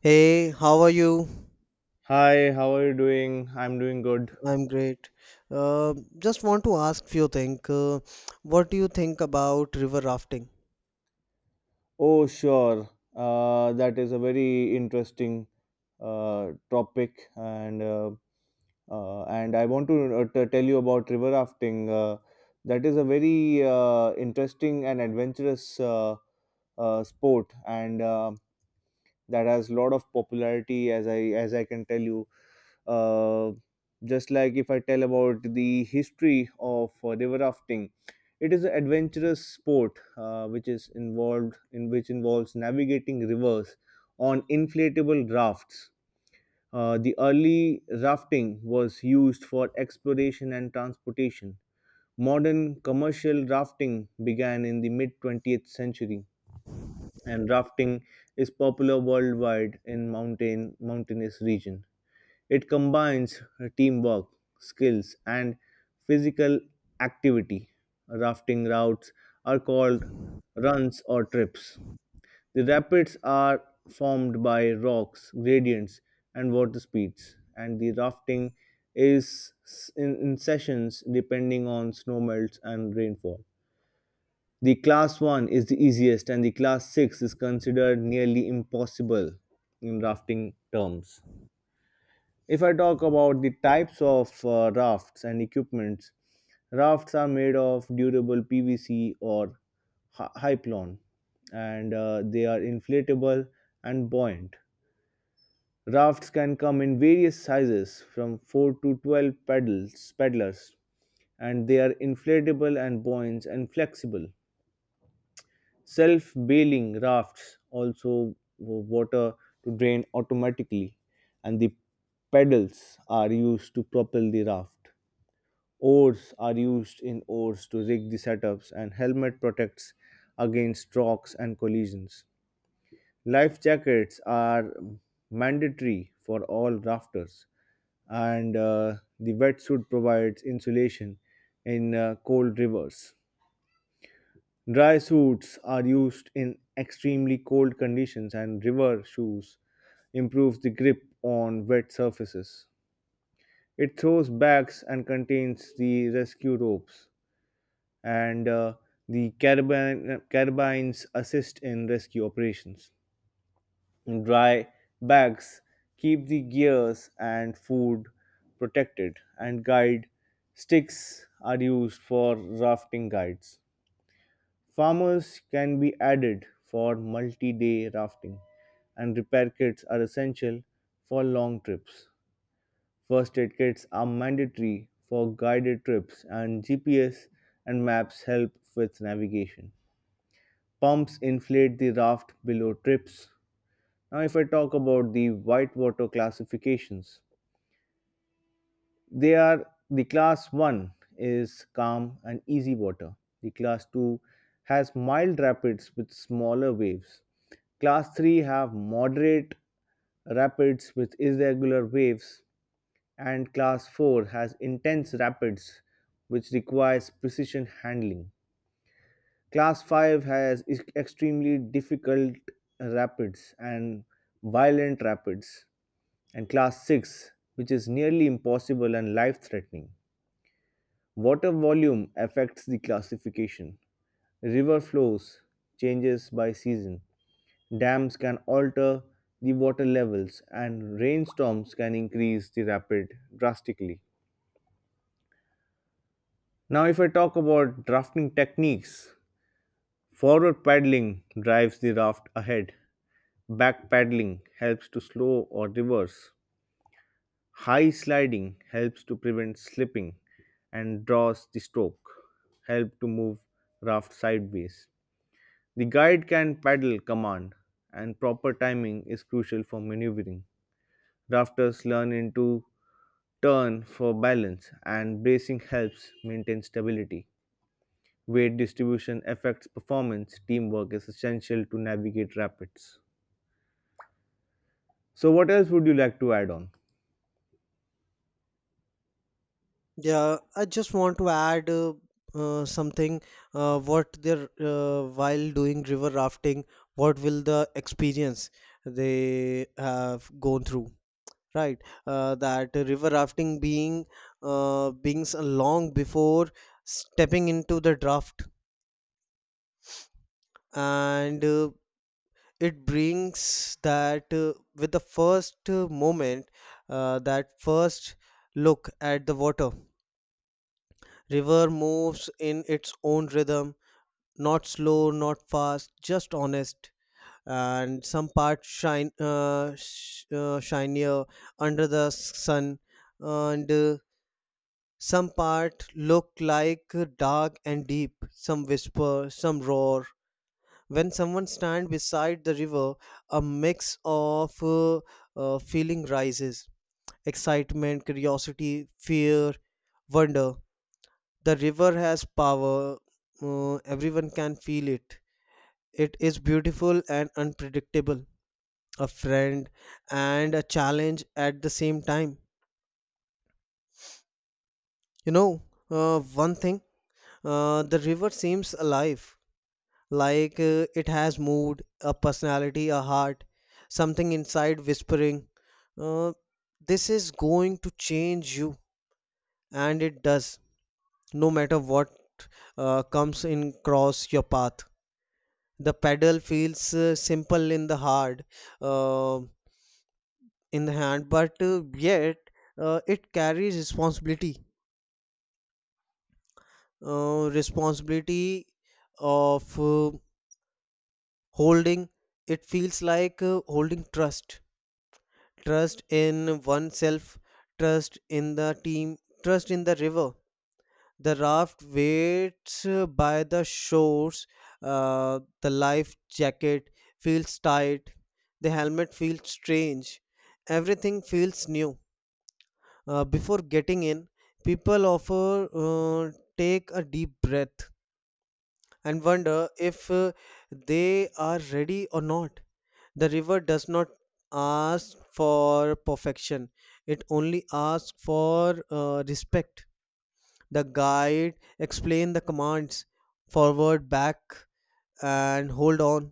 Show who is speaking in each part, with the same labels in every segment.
Speaker 1: Hey, how are you?
Speaker 2: Hi, how are you doing? I'm doing good.
Speaker 1: I'm great. Just want to ask few things. What do you think about river rafting?
Speaker 2: Oh, sure. That is a very interesting topic, and I want to tell you about river rafting. That is a very interesting and adventurous sport, and that has lot of popularity as I can tell you. Uh, just like if I tell about the history of river rafting, it is an adventurous sport which is involved in which involves navigating rivers on inflatable rafts. The early rafting was used for exploration and transportation. Modern commercial rafting began in the mid 20th century, and rafting is popular worldwide in mountainous region. It combines teamwork, skills, and physical activity. Rafting routes are called runs or trips. The rapids are formed by rocks, gradients, and water speeds, and the rafting is in sessions depending on snowmelts and rainfall. The class 1 is the easiest, and the class 6 is considered nearly impossible in rafting terms. If I talk about the types of rafts and equipments, rafts are made of durable PVC or hyplon, and they are inflatable and buoyant. Rafts can come in various sizes, from 4 to 12 pedals, paddlers, and they are inflatable and buoyant and flexible. Self bailing rafts also water to drain automatically, and the pedals are used to propel the raft. Oars are used in oars to rig the setups, and helmet protects against rocks and collisions. Life jackets are mandatory for all rafters, and the wetsuit provides insulation in cold rivers. Dry suits are used in extremely cold conditions, and river shoes improves the grip on wet surfaces. It throws backs and contains the rescue ropes, and the carabines assist in rescue operations. Dry bags keep the gears and food protected, and guide sticks are used for rafting guides. Farmers can be added for multi day rafting, and repair kits are essential for long trips. First aid kits are mandatory for guided trips, and GPS and maps help with navigation. Pumps inflate the raft below trips. Now, if I talk about the whitewater classifications, they are: the class 1 is calm and easy water, the class 2 has mild rapids with smaller waves, class 3 have moderate rapids with irregular waves, and class 4 has intense rapids which requires precision handling, class 5 has extremely difficult rapids and violent rapids, and class 6 which is nearly impossible and life threatening. Water volume affects the classification. River flows changes by season. Dams can alter the water levels, and rainstorms can increase the rapid drastically. Now, if I talk about drafting techniques, forward paddling drives the raft ahead. Back paddling helps to slow or reverse. High sliding helps to prevent slipping, and draws the stroke, help to move raft sideways. The guide can paddle command, and proper timing is crucial for maneuvering. Rafters learn into turn for balance, and bracing helps maintain stability. Weight distribution affects performance. Teamwork is essential to navigate rapids. So, what else would you like to add on?
Speaker 1: Yeah, I just want to add something. What they're while doing river rafting, what will the experience they have gone through? Right, that river rafting being being long before stepping into the draft, and it brings that with the first moment, that first look at the water. River moves in its own rhythm, not slow, not fast, just honest. And some parts shine shinier under the sun, and some part look like dark and deep. Some whisper, some roar. When someone stands beside the river, a mix of feeling rises: excitement, curiosity, fear, wonder. The river has power, everyone can feel it. It is beautiful and unpredictable, a friend and a challenge at the same time you know uh, one thing, the river seems alive, like it has mood, a personality, a heart, something inside whispering, uh, this is going to change you, and it does, no matter what comes in cross your path. The pedal feels simple in the hard, uh, in the hand, but yet it carries responsibility, responsibility of holding. It feels like holding trust in oneself, trust in the team, trust in the river. The raft waits by the shores. The life jacket feels tight, the helmet feels strange, everything feels new. Before getting in, people offer take a deep breath and wonder if they are ready or not. The river does not ask for perfection, it only asks for respect. The guide explained the commands: forward, back, and hold on.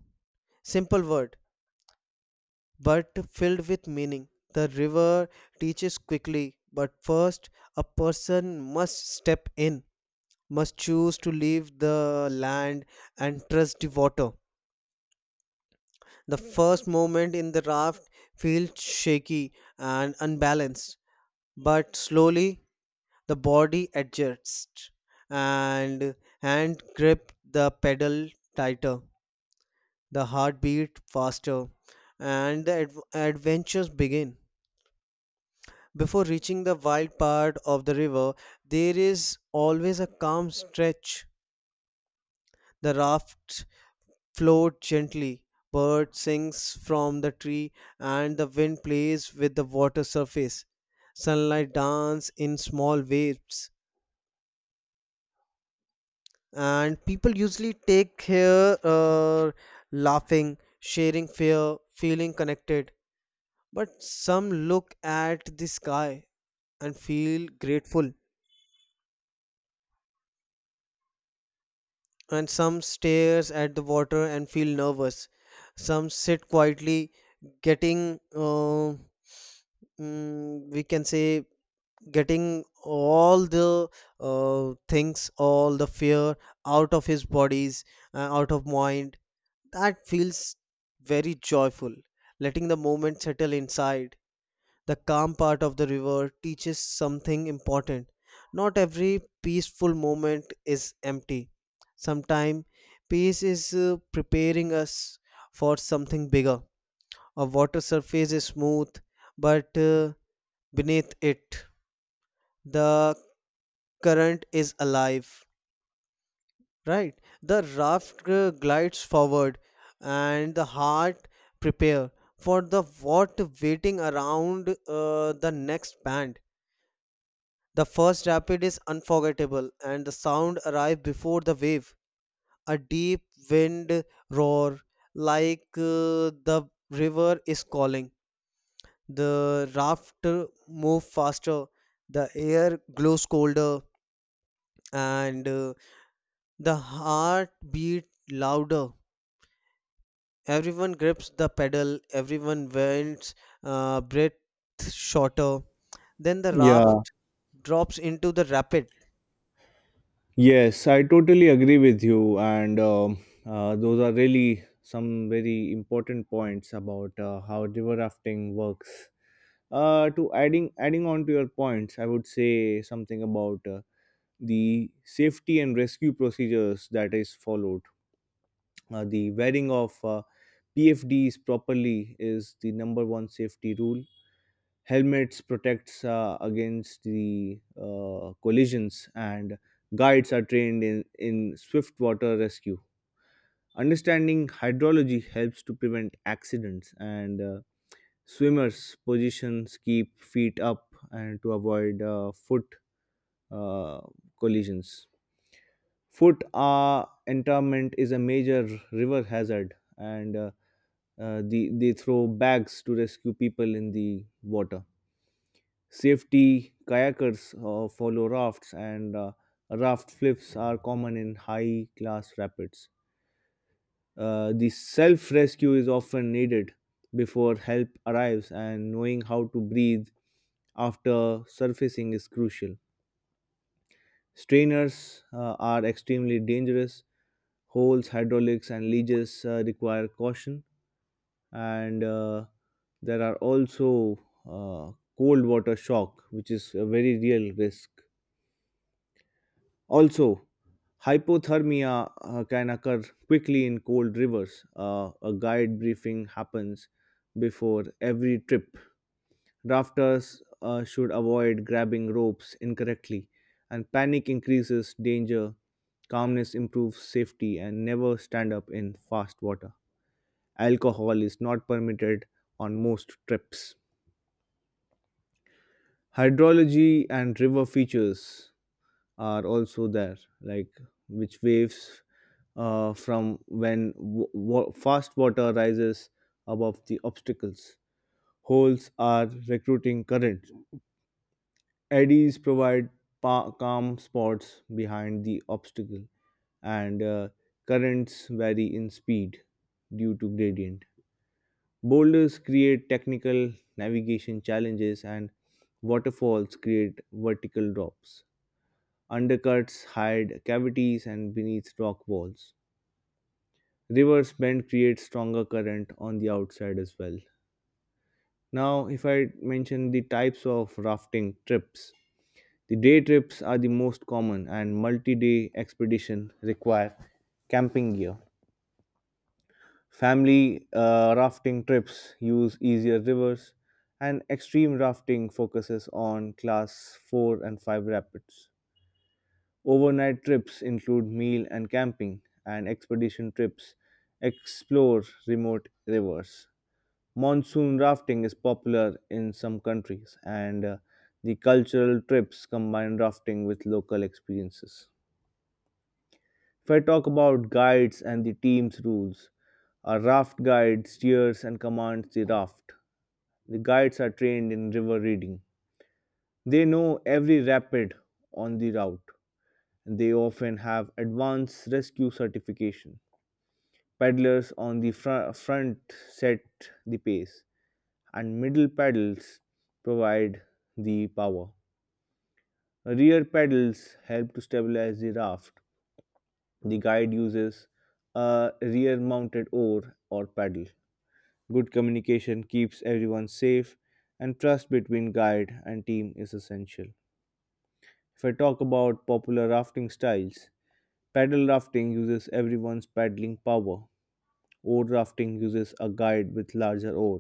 Speaker 1: Simple word, but filled with meaning. The river teaches quickly, but first a person must step in, must choose to leave the land and trust the water. The first moment in the raft feels shaky and unbalanced, but slowly the body adjusts and hand grip the pedal tighter, the heartbeat faster, and the adventures begin. Before reaching the wild part of the river, there is always a calm stretch. The raft floats gently, bird sings from the tree, and the wind plays with the water surface. Sunlight dance in small waves, and people usually take here, laughing, sharing fear, feeling connected. But some look at the sky and feel grateful, and some stares at the water and feel nervous. Some sit quietly, getting we can say, getting all the things, all the fear out of his bodies, out of mind. That feels very joyful, letting the moment settle inside. The calm part of the river teaches something important. Not every peaceful moment is empty. Sometimes peace is preparing us for something bigger. A water surface is smooth, but beneath it, the current is alive. Right, the raft glides forward and the heart prepare for the what waiting around the next bend. The first rapid is unforgettable, and the sound arrive before the wave, a deep wind roar, like the river is calling. The raft move faster, the air glows colder, and the heart beat louder. Everyone grips the pedal, everyone bends, breath shorter. Then the
Speaker 2: Yeah,
Speaker 1: raft drops into the rapid.
Speaker 2: yes, I totally agree with you. And those are really some very important points about how river rafting works. To adding on to your points, I would say something about the safety and rescue procedures that is followed. The wearing of pfds properly is the number one safety rule. Helmets protects against the collisions, and guides are trained in swift water rescue. Understanding hydrology helps to prevent accidents, and Swimmers positions keep feet up and to avoid foot uh, collisions. Foot entrapment is a major river hazard, and they throw bags to rescue people in the water. Safety kayakers follow rafts, and raft flips are common in high class rapids. The self rescue is often needed before help arrives, and knowing how to breathe after surfacing is crucial. Strainers are extremely dangerous. Holes, hydraulics, and leeches require caution, and there are also cold water shock, which is a very real risk. Also, hypothermia can occur quickly in cold rivers. A guide briefing happens before every trip. Rafters should avoid grabbing ropes incorrectly, and panic increases danger. Calmness improves safety, and never stand up in fast water. Alcohol is not permitted on most trips. Hydrology and river features are also there, like which waves from when fast water rises above the obstacles. Holes are recruiting current. Eddies provide calm spots behind the obstacle, and currents vary in speed due to gradient. Boulders create technical navigation challenges, and waterfalls create vertical drops. Undercuts hide cavities and beneath rock walls. Rivers bend create stronger current on the outside as well. Now, if I mention the types of rafting trips, the day trips are the most common, and multi-day expedition require camping gear. Family rafting trips use easier rivers, and extreme rafting focuses on class 4 and 5 rapids. Overnight trips include meal and camping, and expedition trips explore remote rivers. Monsoon rafting is popular in some countries, and the cultural trips combine rafting with local experiences. If I talk about guides and the team's rules, a raft guide steers and commands the raft. The guides are trained in river reading. They know every rapid on the route. They often have advanced rescue certification. Paddlers on the front set the pace, and middle paddles provide the power. Rear paddles help to stabilize the raft. The guide uses a rear mounted oar or paddle. Good communication keeps everyone safe, and trust between guide and team is essential. If I talk about popular rafting styles, paddle rafting uses everyone's paddling power. Oar rafting uses a guide with larger oar.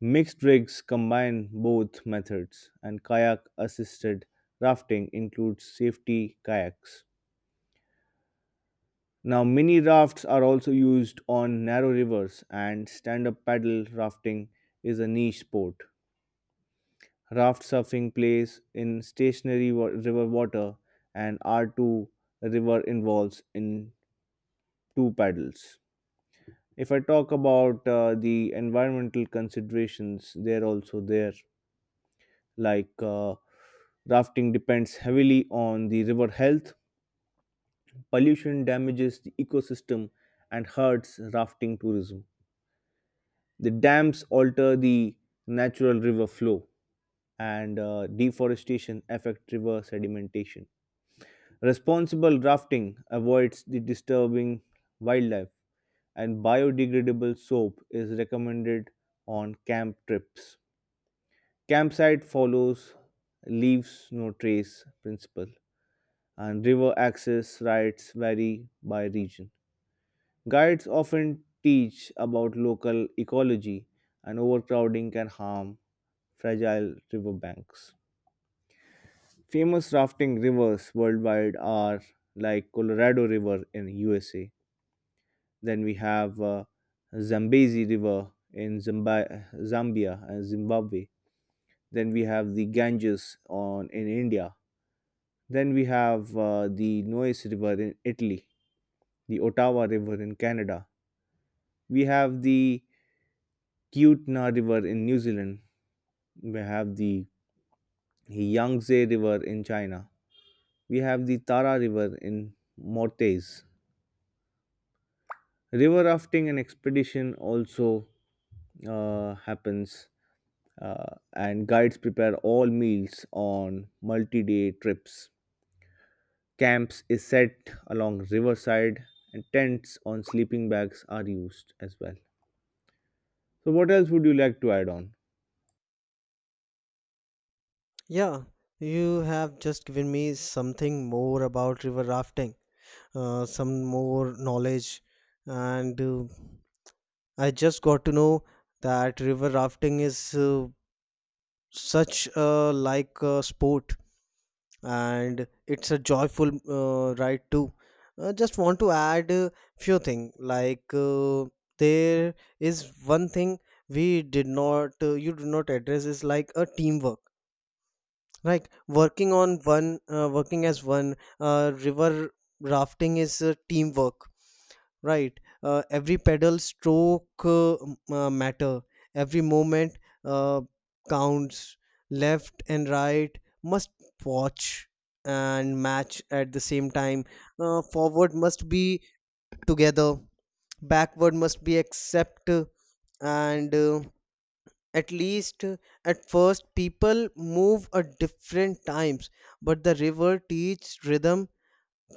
Speaker 2: Mixed rigs combine both methods, and kayak assisted rafting includes safety kayaks. Now, mini rafts are also used on narrow rivers, and stand up paddle rafting is a niche sport. Raft surfing plays in stationary river water, and R2 river involves in two paddles. If I talk about the environmental considerations, they're also there. Like rafting depends heavily on the river health. Pollution damages the ecosystem, and hurts rafting tourism. The dams alter the natural river flow, and deforestation affect river sedimentation. Responsible rafting avoids the disturbing wildlife, and biodegradable soap is recommended on camp trips. Campsite follows leaves no trace principle, and river access rights vary by region. Guides often teach about local ecology, and overcrowding can harm fragile riverbanks. Famous rafting rivers worldwide are like Colorado River in USA. Then we have Zambezi River in Zambia and Zimbabwe. Then we have the Ganges on in India. Then we have the Nues River in Italy, the Ottawa River in Canada. We have the Kootenay River in New Zealand. We have the Yangtze River in China. We have the Tara River in Mortes. River rafting and expedition also happens, and guides prepare all meals on multi-day trips. Camps is set along riverside, and tents on sleeping bags are used as well. So, what else would you like to add on?
Speaker 1: Yeah, you have just given me something more about river rafting, some more knowledge, and I just got to know that river rafting is such a like a sport, and it's a joyful ride too. Just want to add a few things, like there is one thing we did not you did not address, is like a teamwork. Right, working as one, river rafting is a teamwork. Right, every pedal stroke matter, every moment uh, counts, left and right must watch and match at the same time, forward must be together, backward must be accept, and at least at first people move at different times, but the river teaches rhythm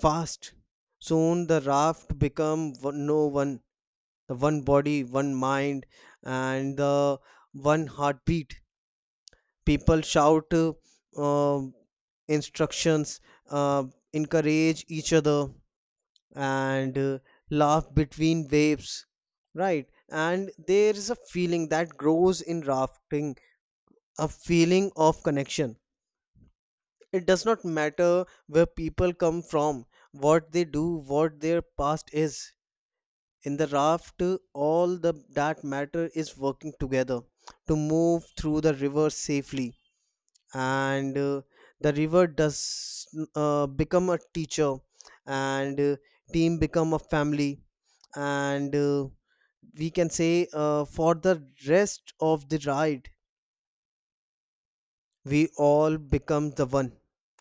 Speaker 1: fast. Soon the raft become no one, the one body, one mind, and the one heartbeat. People shout um, instructions, uh, encourage each other, and laugh between waves. Right, and there is a feeling that grows in rafting, a feeling of connection. It does not matter where people come from, what they do, what their past is. In the raft, all the that matter is working together to move through the river safely. And the river does become a teacher, and team become a family. And we can say, for the rest of the ride we all become the one,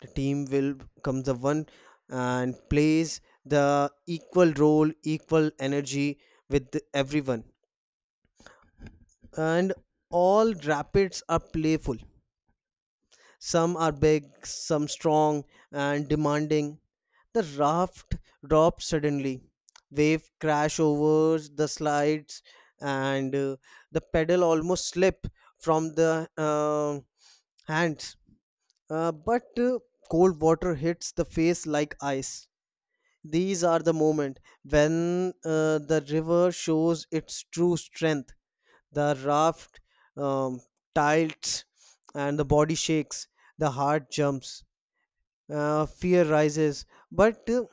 Speaker 1: the team will become the one, and plays the equal role, equal energy, with everyone. And all rapids are playful. Some are big, some strong and demanding. The raft drops suddenly. Waves crash over the slides, and the pedal almost slip from the hands. But cold water hits the face like ice. These are the moment when the river shows its true strength. The raft um, tilts and the body shakes, the heart jumps, fear rises, but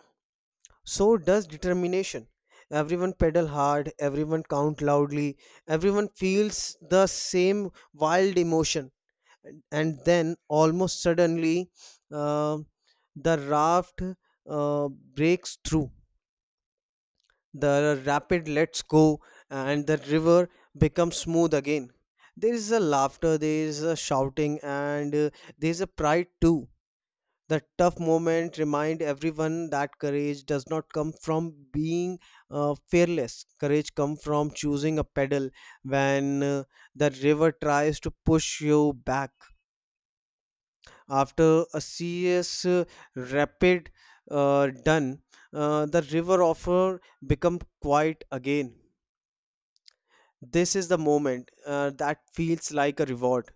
Speaker 1: so does determination. Everyone pedal hard, everyone count loudly, everyone feels the same wild emotion. And then, almost suddenly, uh, the raft breaks through. The rapid lets go, and the river becomes smooth again. There is a laughter, there is a shouting, and there is a pride too. The tough moment remind everyone that courage does not come from being fearless. Courage comes from choosing a pedal when the river tries to push you back. After a serious, rapid done, the river offer become quiet again. This is the moment that feels like a reward.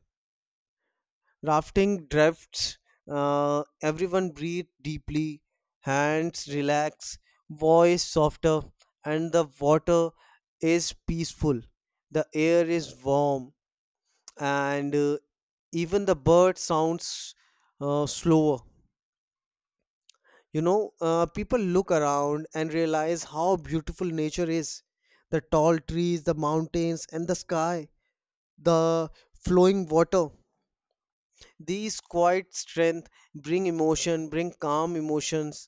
Speaker 1: Rafting drifts, everyone breathe deeply, hands relax, voice softer, and the water is peaceful. The air is warm, and even the bird sounds slower. People look around and realize how beautiful nature is. The tall trees, the mountains, and the sky, the flowing water. These quiet strength bring emotion, bring calm emotions,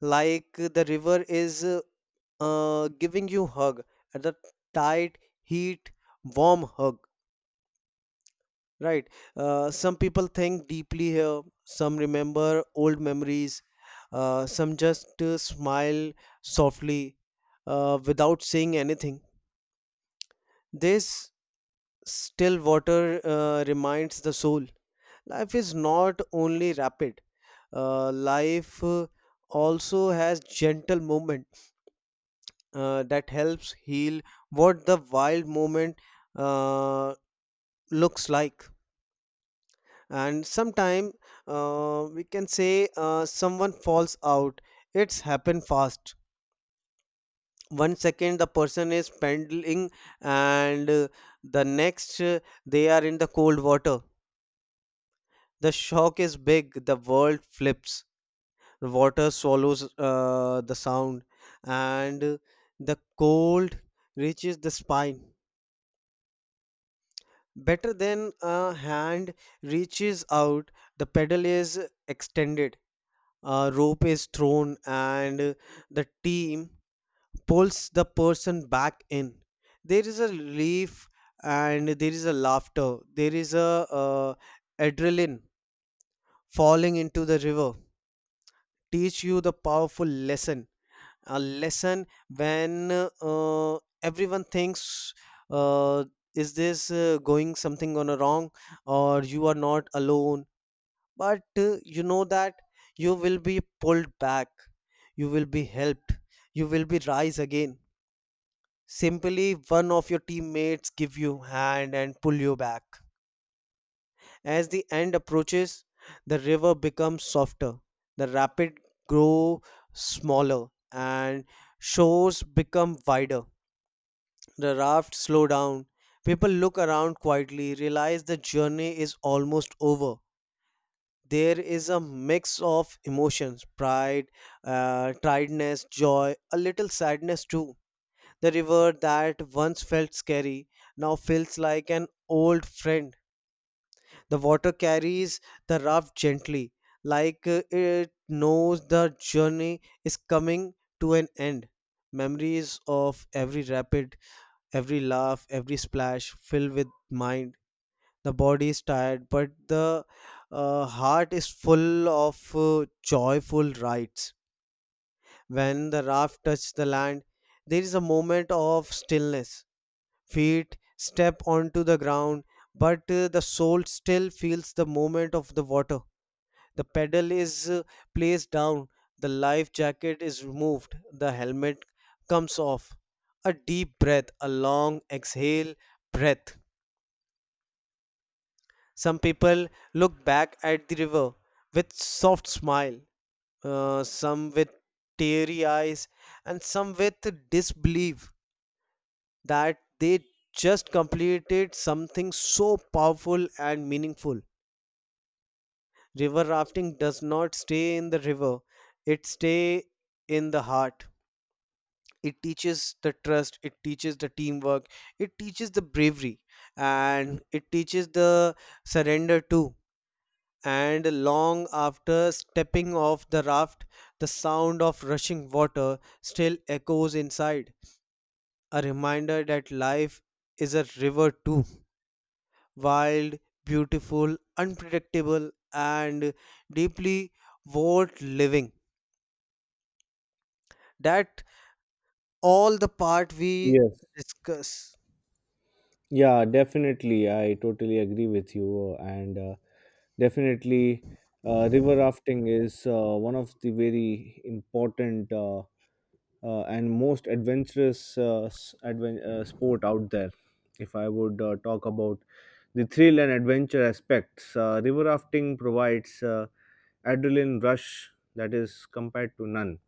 Speaker 1: like the river is giving you hug at the tight heat, warm hug. Right? Some people think deeply here. Some remember old memories. Some just smile softly without saying anything. This still water reminds the soul. Life is not only rapid. Life also has gentle movement that helps heal what the wild movement uh, looks like. And sometime we can say someone falls out. It's happened fast. 1 second the person is paddling, and the next they are in the cold water. The shock is big. The world flips, the water swallows the sound, and the cold reaches the spine better than a hand reaches out. The pedal is extended, a rope is thrown, and the team pulls the person back in. There is a relief, and there is a laughter, there is a uh, adrenaline. Falling into the river teach you the powerful lesson, a lesson when everyone thinks uh, is this going something on a wrong, or you are not alone. But you know that you will be pulled back, you will be helped, you will be rise again, simply one of your teammates give you hand and pull you back. As the end approaches, the river becomes softer, the rapid grow smaller, and shores become wider. The raft slow down. People look around quietly, realize the journey is almost over. There is a mix of emotions: pride, tiredness, joy, a little sadness too. The river that once felt scary now feels like an old friend. The water carries the raft gently, like it knows the journey is coming to an end. Memories of every rapid, every laugh, every splash filled with mind. The body is tired, but the heart is full of joyful rites. When the raft touches the land, there is a moment of stillness. Feet step onto the ground, but the soul still feels the moment of the water. The pedal is placed down, the life jacket is removed, the helmet comes off. A deep breath, a long exhale breath. Some people look back at the river with soft smile, some with teary eyes, and some with disbelief that they just completed something so powerful and meaningful. River rafting does not stay in the river; it stay in the heart. It teaches the trust, it teaches the teamwork, it teaches the bravery, and it teaches the surrender too. And long after stepping off the raft, the sound of rushing water still echoes inside, a reminder that life is a river too, wild, beautiful, unpredictable, and deeply worth living. That all the part we
Speaker 2: Yes.
Speaker 1: discuss.
Speaker 2: Yeah, definitely. I totally agree with you. And definitely, river rafting is one of the very important and most adventurous sport out there. If I would talk about the thrill and adventure aspects, river rafting provides adrenaline rush that is compared to none.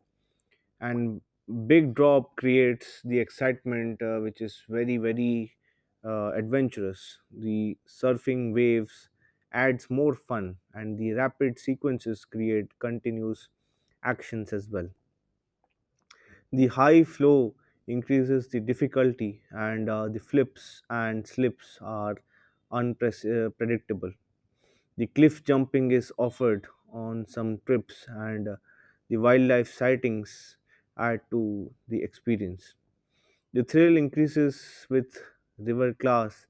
Speaker 2: And big drop creates the excitement which is very very adventurous. The surfing waves adds more fun, and the rapid sequences create continuous actions as well. The high flow increases the difficulty, and the flips and slips are unpredictable. The cliff jumping is offered on some trips, and the wildlife sightings add to the experience. The thrill increases with river class,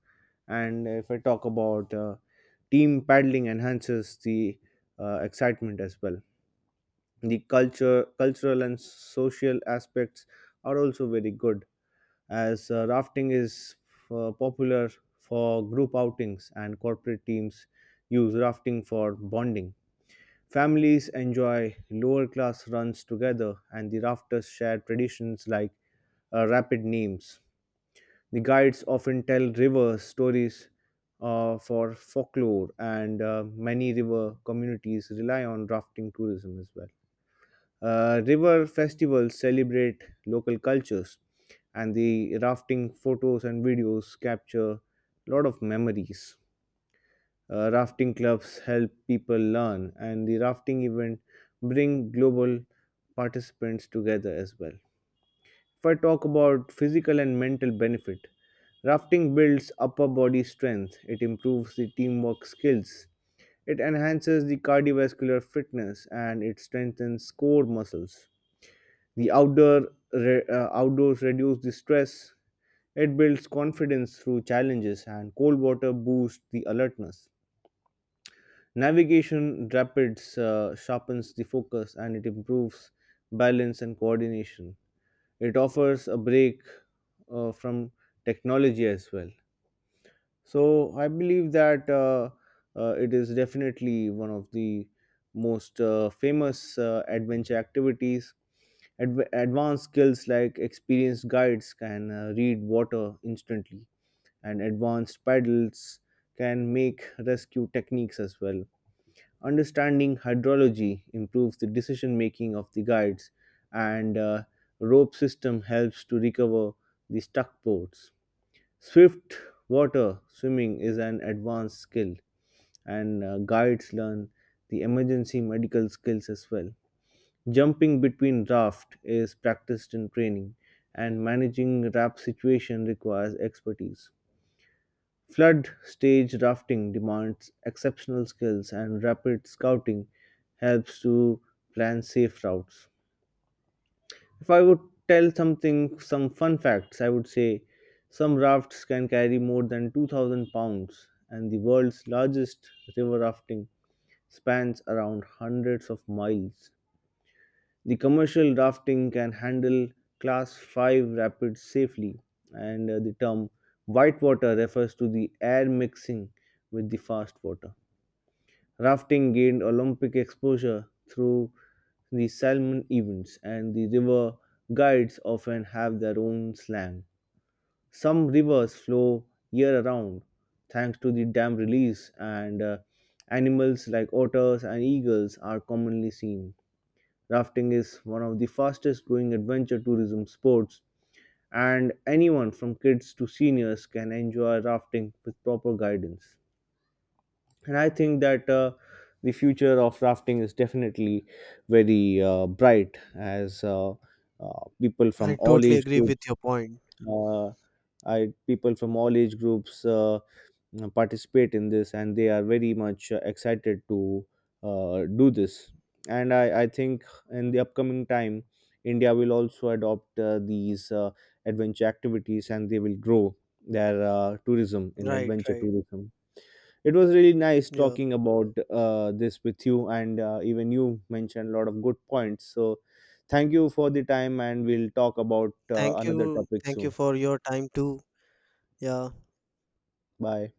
Speaker 2: and if I talk about team paddling, enhances the excitement as well. The culture, cultural, and social aspects are also very good, as rafting is popular for group outings, and corporate teams use rafting for bonding. Families enjoy lower class runs together, and the rafters share traditions like rapid names. The guides often tell river stories for folklore, and many river communities rely on rafting tourism as well. River festivals celebrate local cultures, and the rafting photos and videos capture a lot of memories. Rafting clubs help people learn, and the rafting event bring global participants together as well. If I talk about physical and mental benefit, rafting builds upper body strength. It improves the teamwork skills. It enhances the cardiovascular fitness, and it strengthens core muscles. The outdoors reduce the stress. It builds confidence through challenges, and cold water boosts the alertness. Navigation rapids sharpens the focus, and it improves balance and coordination. It offers a break from technology as well. So I believe that it is definitely one of the most famous adventure activities. Advanced skills like experienced guides can read water instantly, and advanced paddles can make rescue techniques as well. Understanding hydrology improves the decision making of the guides, and rope system helps to recover the stuck boats. Swift water swimming is an advanced skill, and guides learn the emergency medical skills as well. Jumping between raft is practiced in training, and managing raft situation requires expertise. Flood stage rafting demands exceptional skills, and rapid scouting helps to plan safe routes. If I would tell something, some fun facts, I would say some rafts can carry more than 2,000 pounds, and the world's largest river rafting spans around hundreds of miles. The commercial rafting can handle class 5 rapids safely, and the term white water refers to the air mixing with the fast water. Rafting gained Olympic exposure through the Salmon events, and the river guides often have their own slang. Some rivers flow year round thanks to the dam release, and animals like otters and eagles are commonly seen. Rafting is one of the fastest growing adventure tourism sports, and anyone from kids to seniors can enjoy rafting with proper guidance. And I think that the future of rafting is definitely very bright, as uh, people from
Speaker 1: I
Speaker 2: all
Speaker 1: totally
Speaker 2: age
Speaker 1: agree with
Speaker 2: groups
Speaker 1: your point.
Speaker 2: uh, people from all age groups participate in this, and they are very much excited to do this. And I think in the upcoming time, india will also adopt these adventure activities, and they will grow their tourism in
Speaker 1: Right,
Speaker 2: adventure
Speaker 1: right.
Speaker 2: tourism. It was really nice
Speaker 1: Yeah.
Speaker 2: talking about this with you, and even you mentioned a lot of good points. So, thank you for the time, and we'll talk about
Speaker 1: Thank
Speaker 2: another
Speaker 1: you.
Speaker 2: topic
Speaker 1: Thank you
Speaker 2: soon.
Speaker 1: for your time too. Yeah.
Speaker 2: Bye.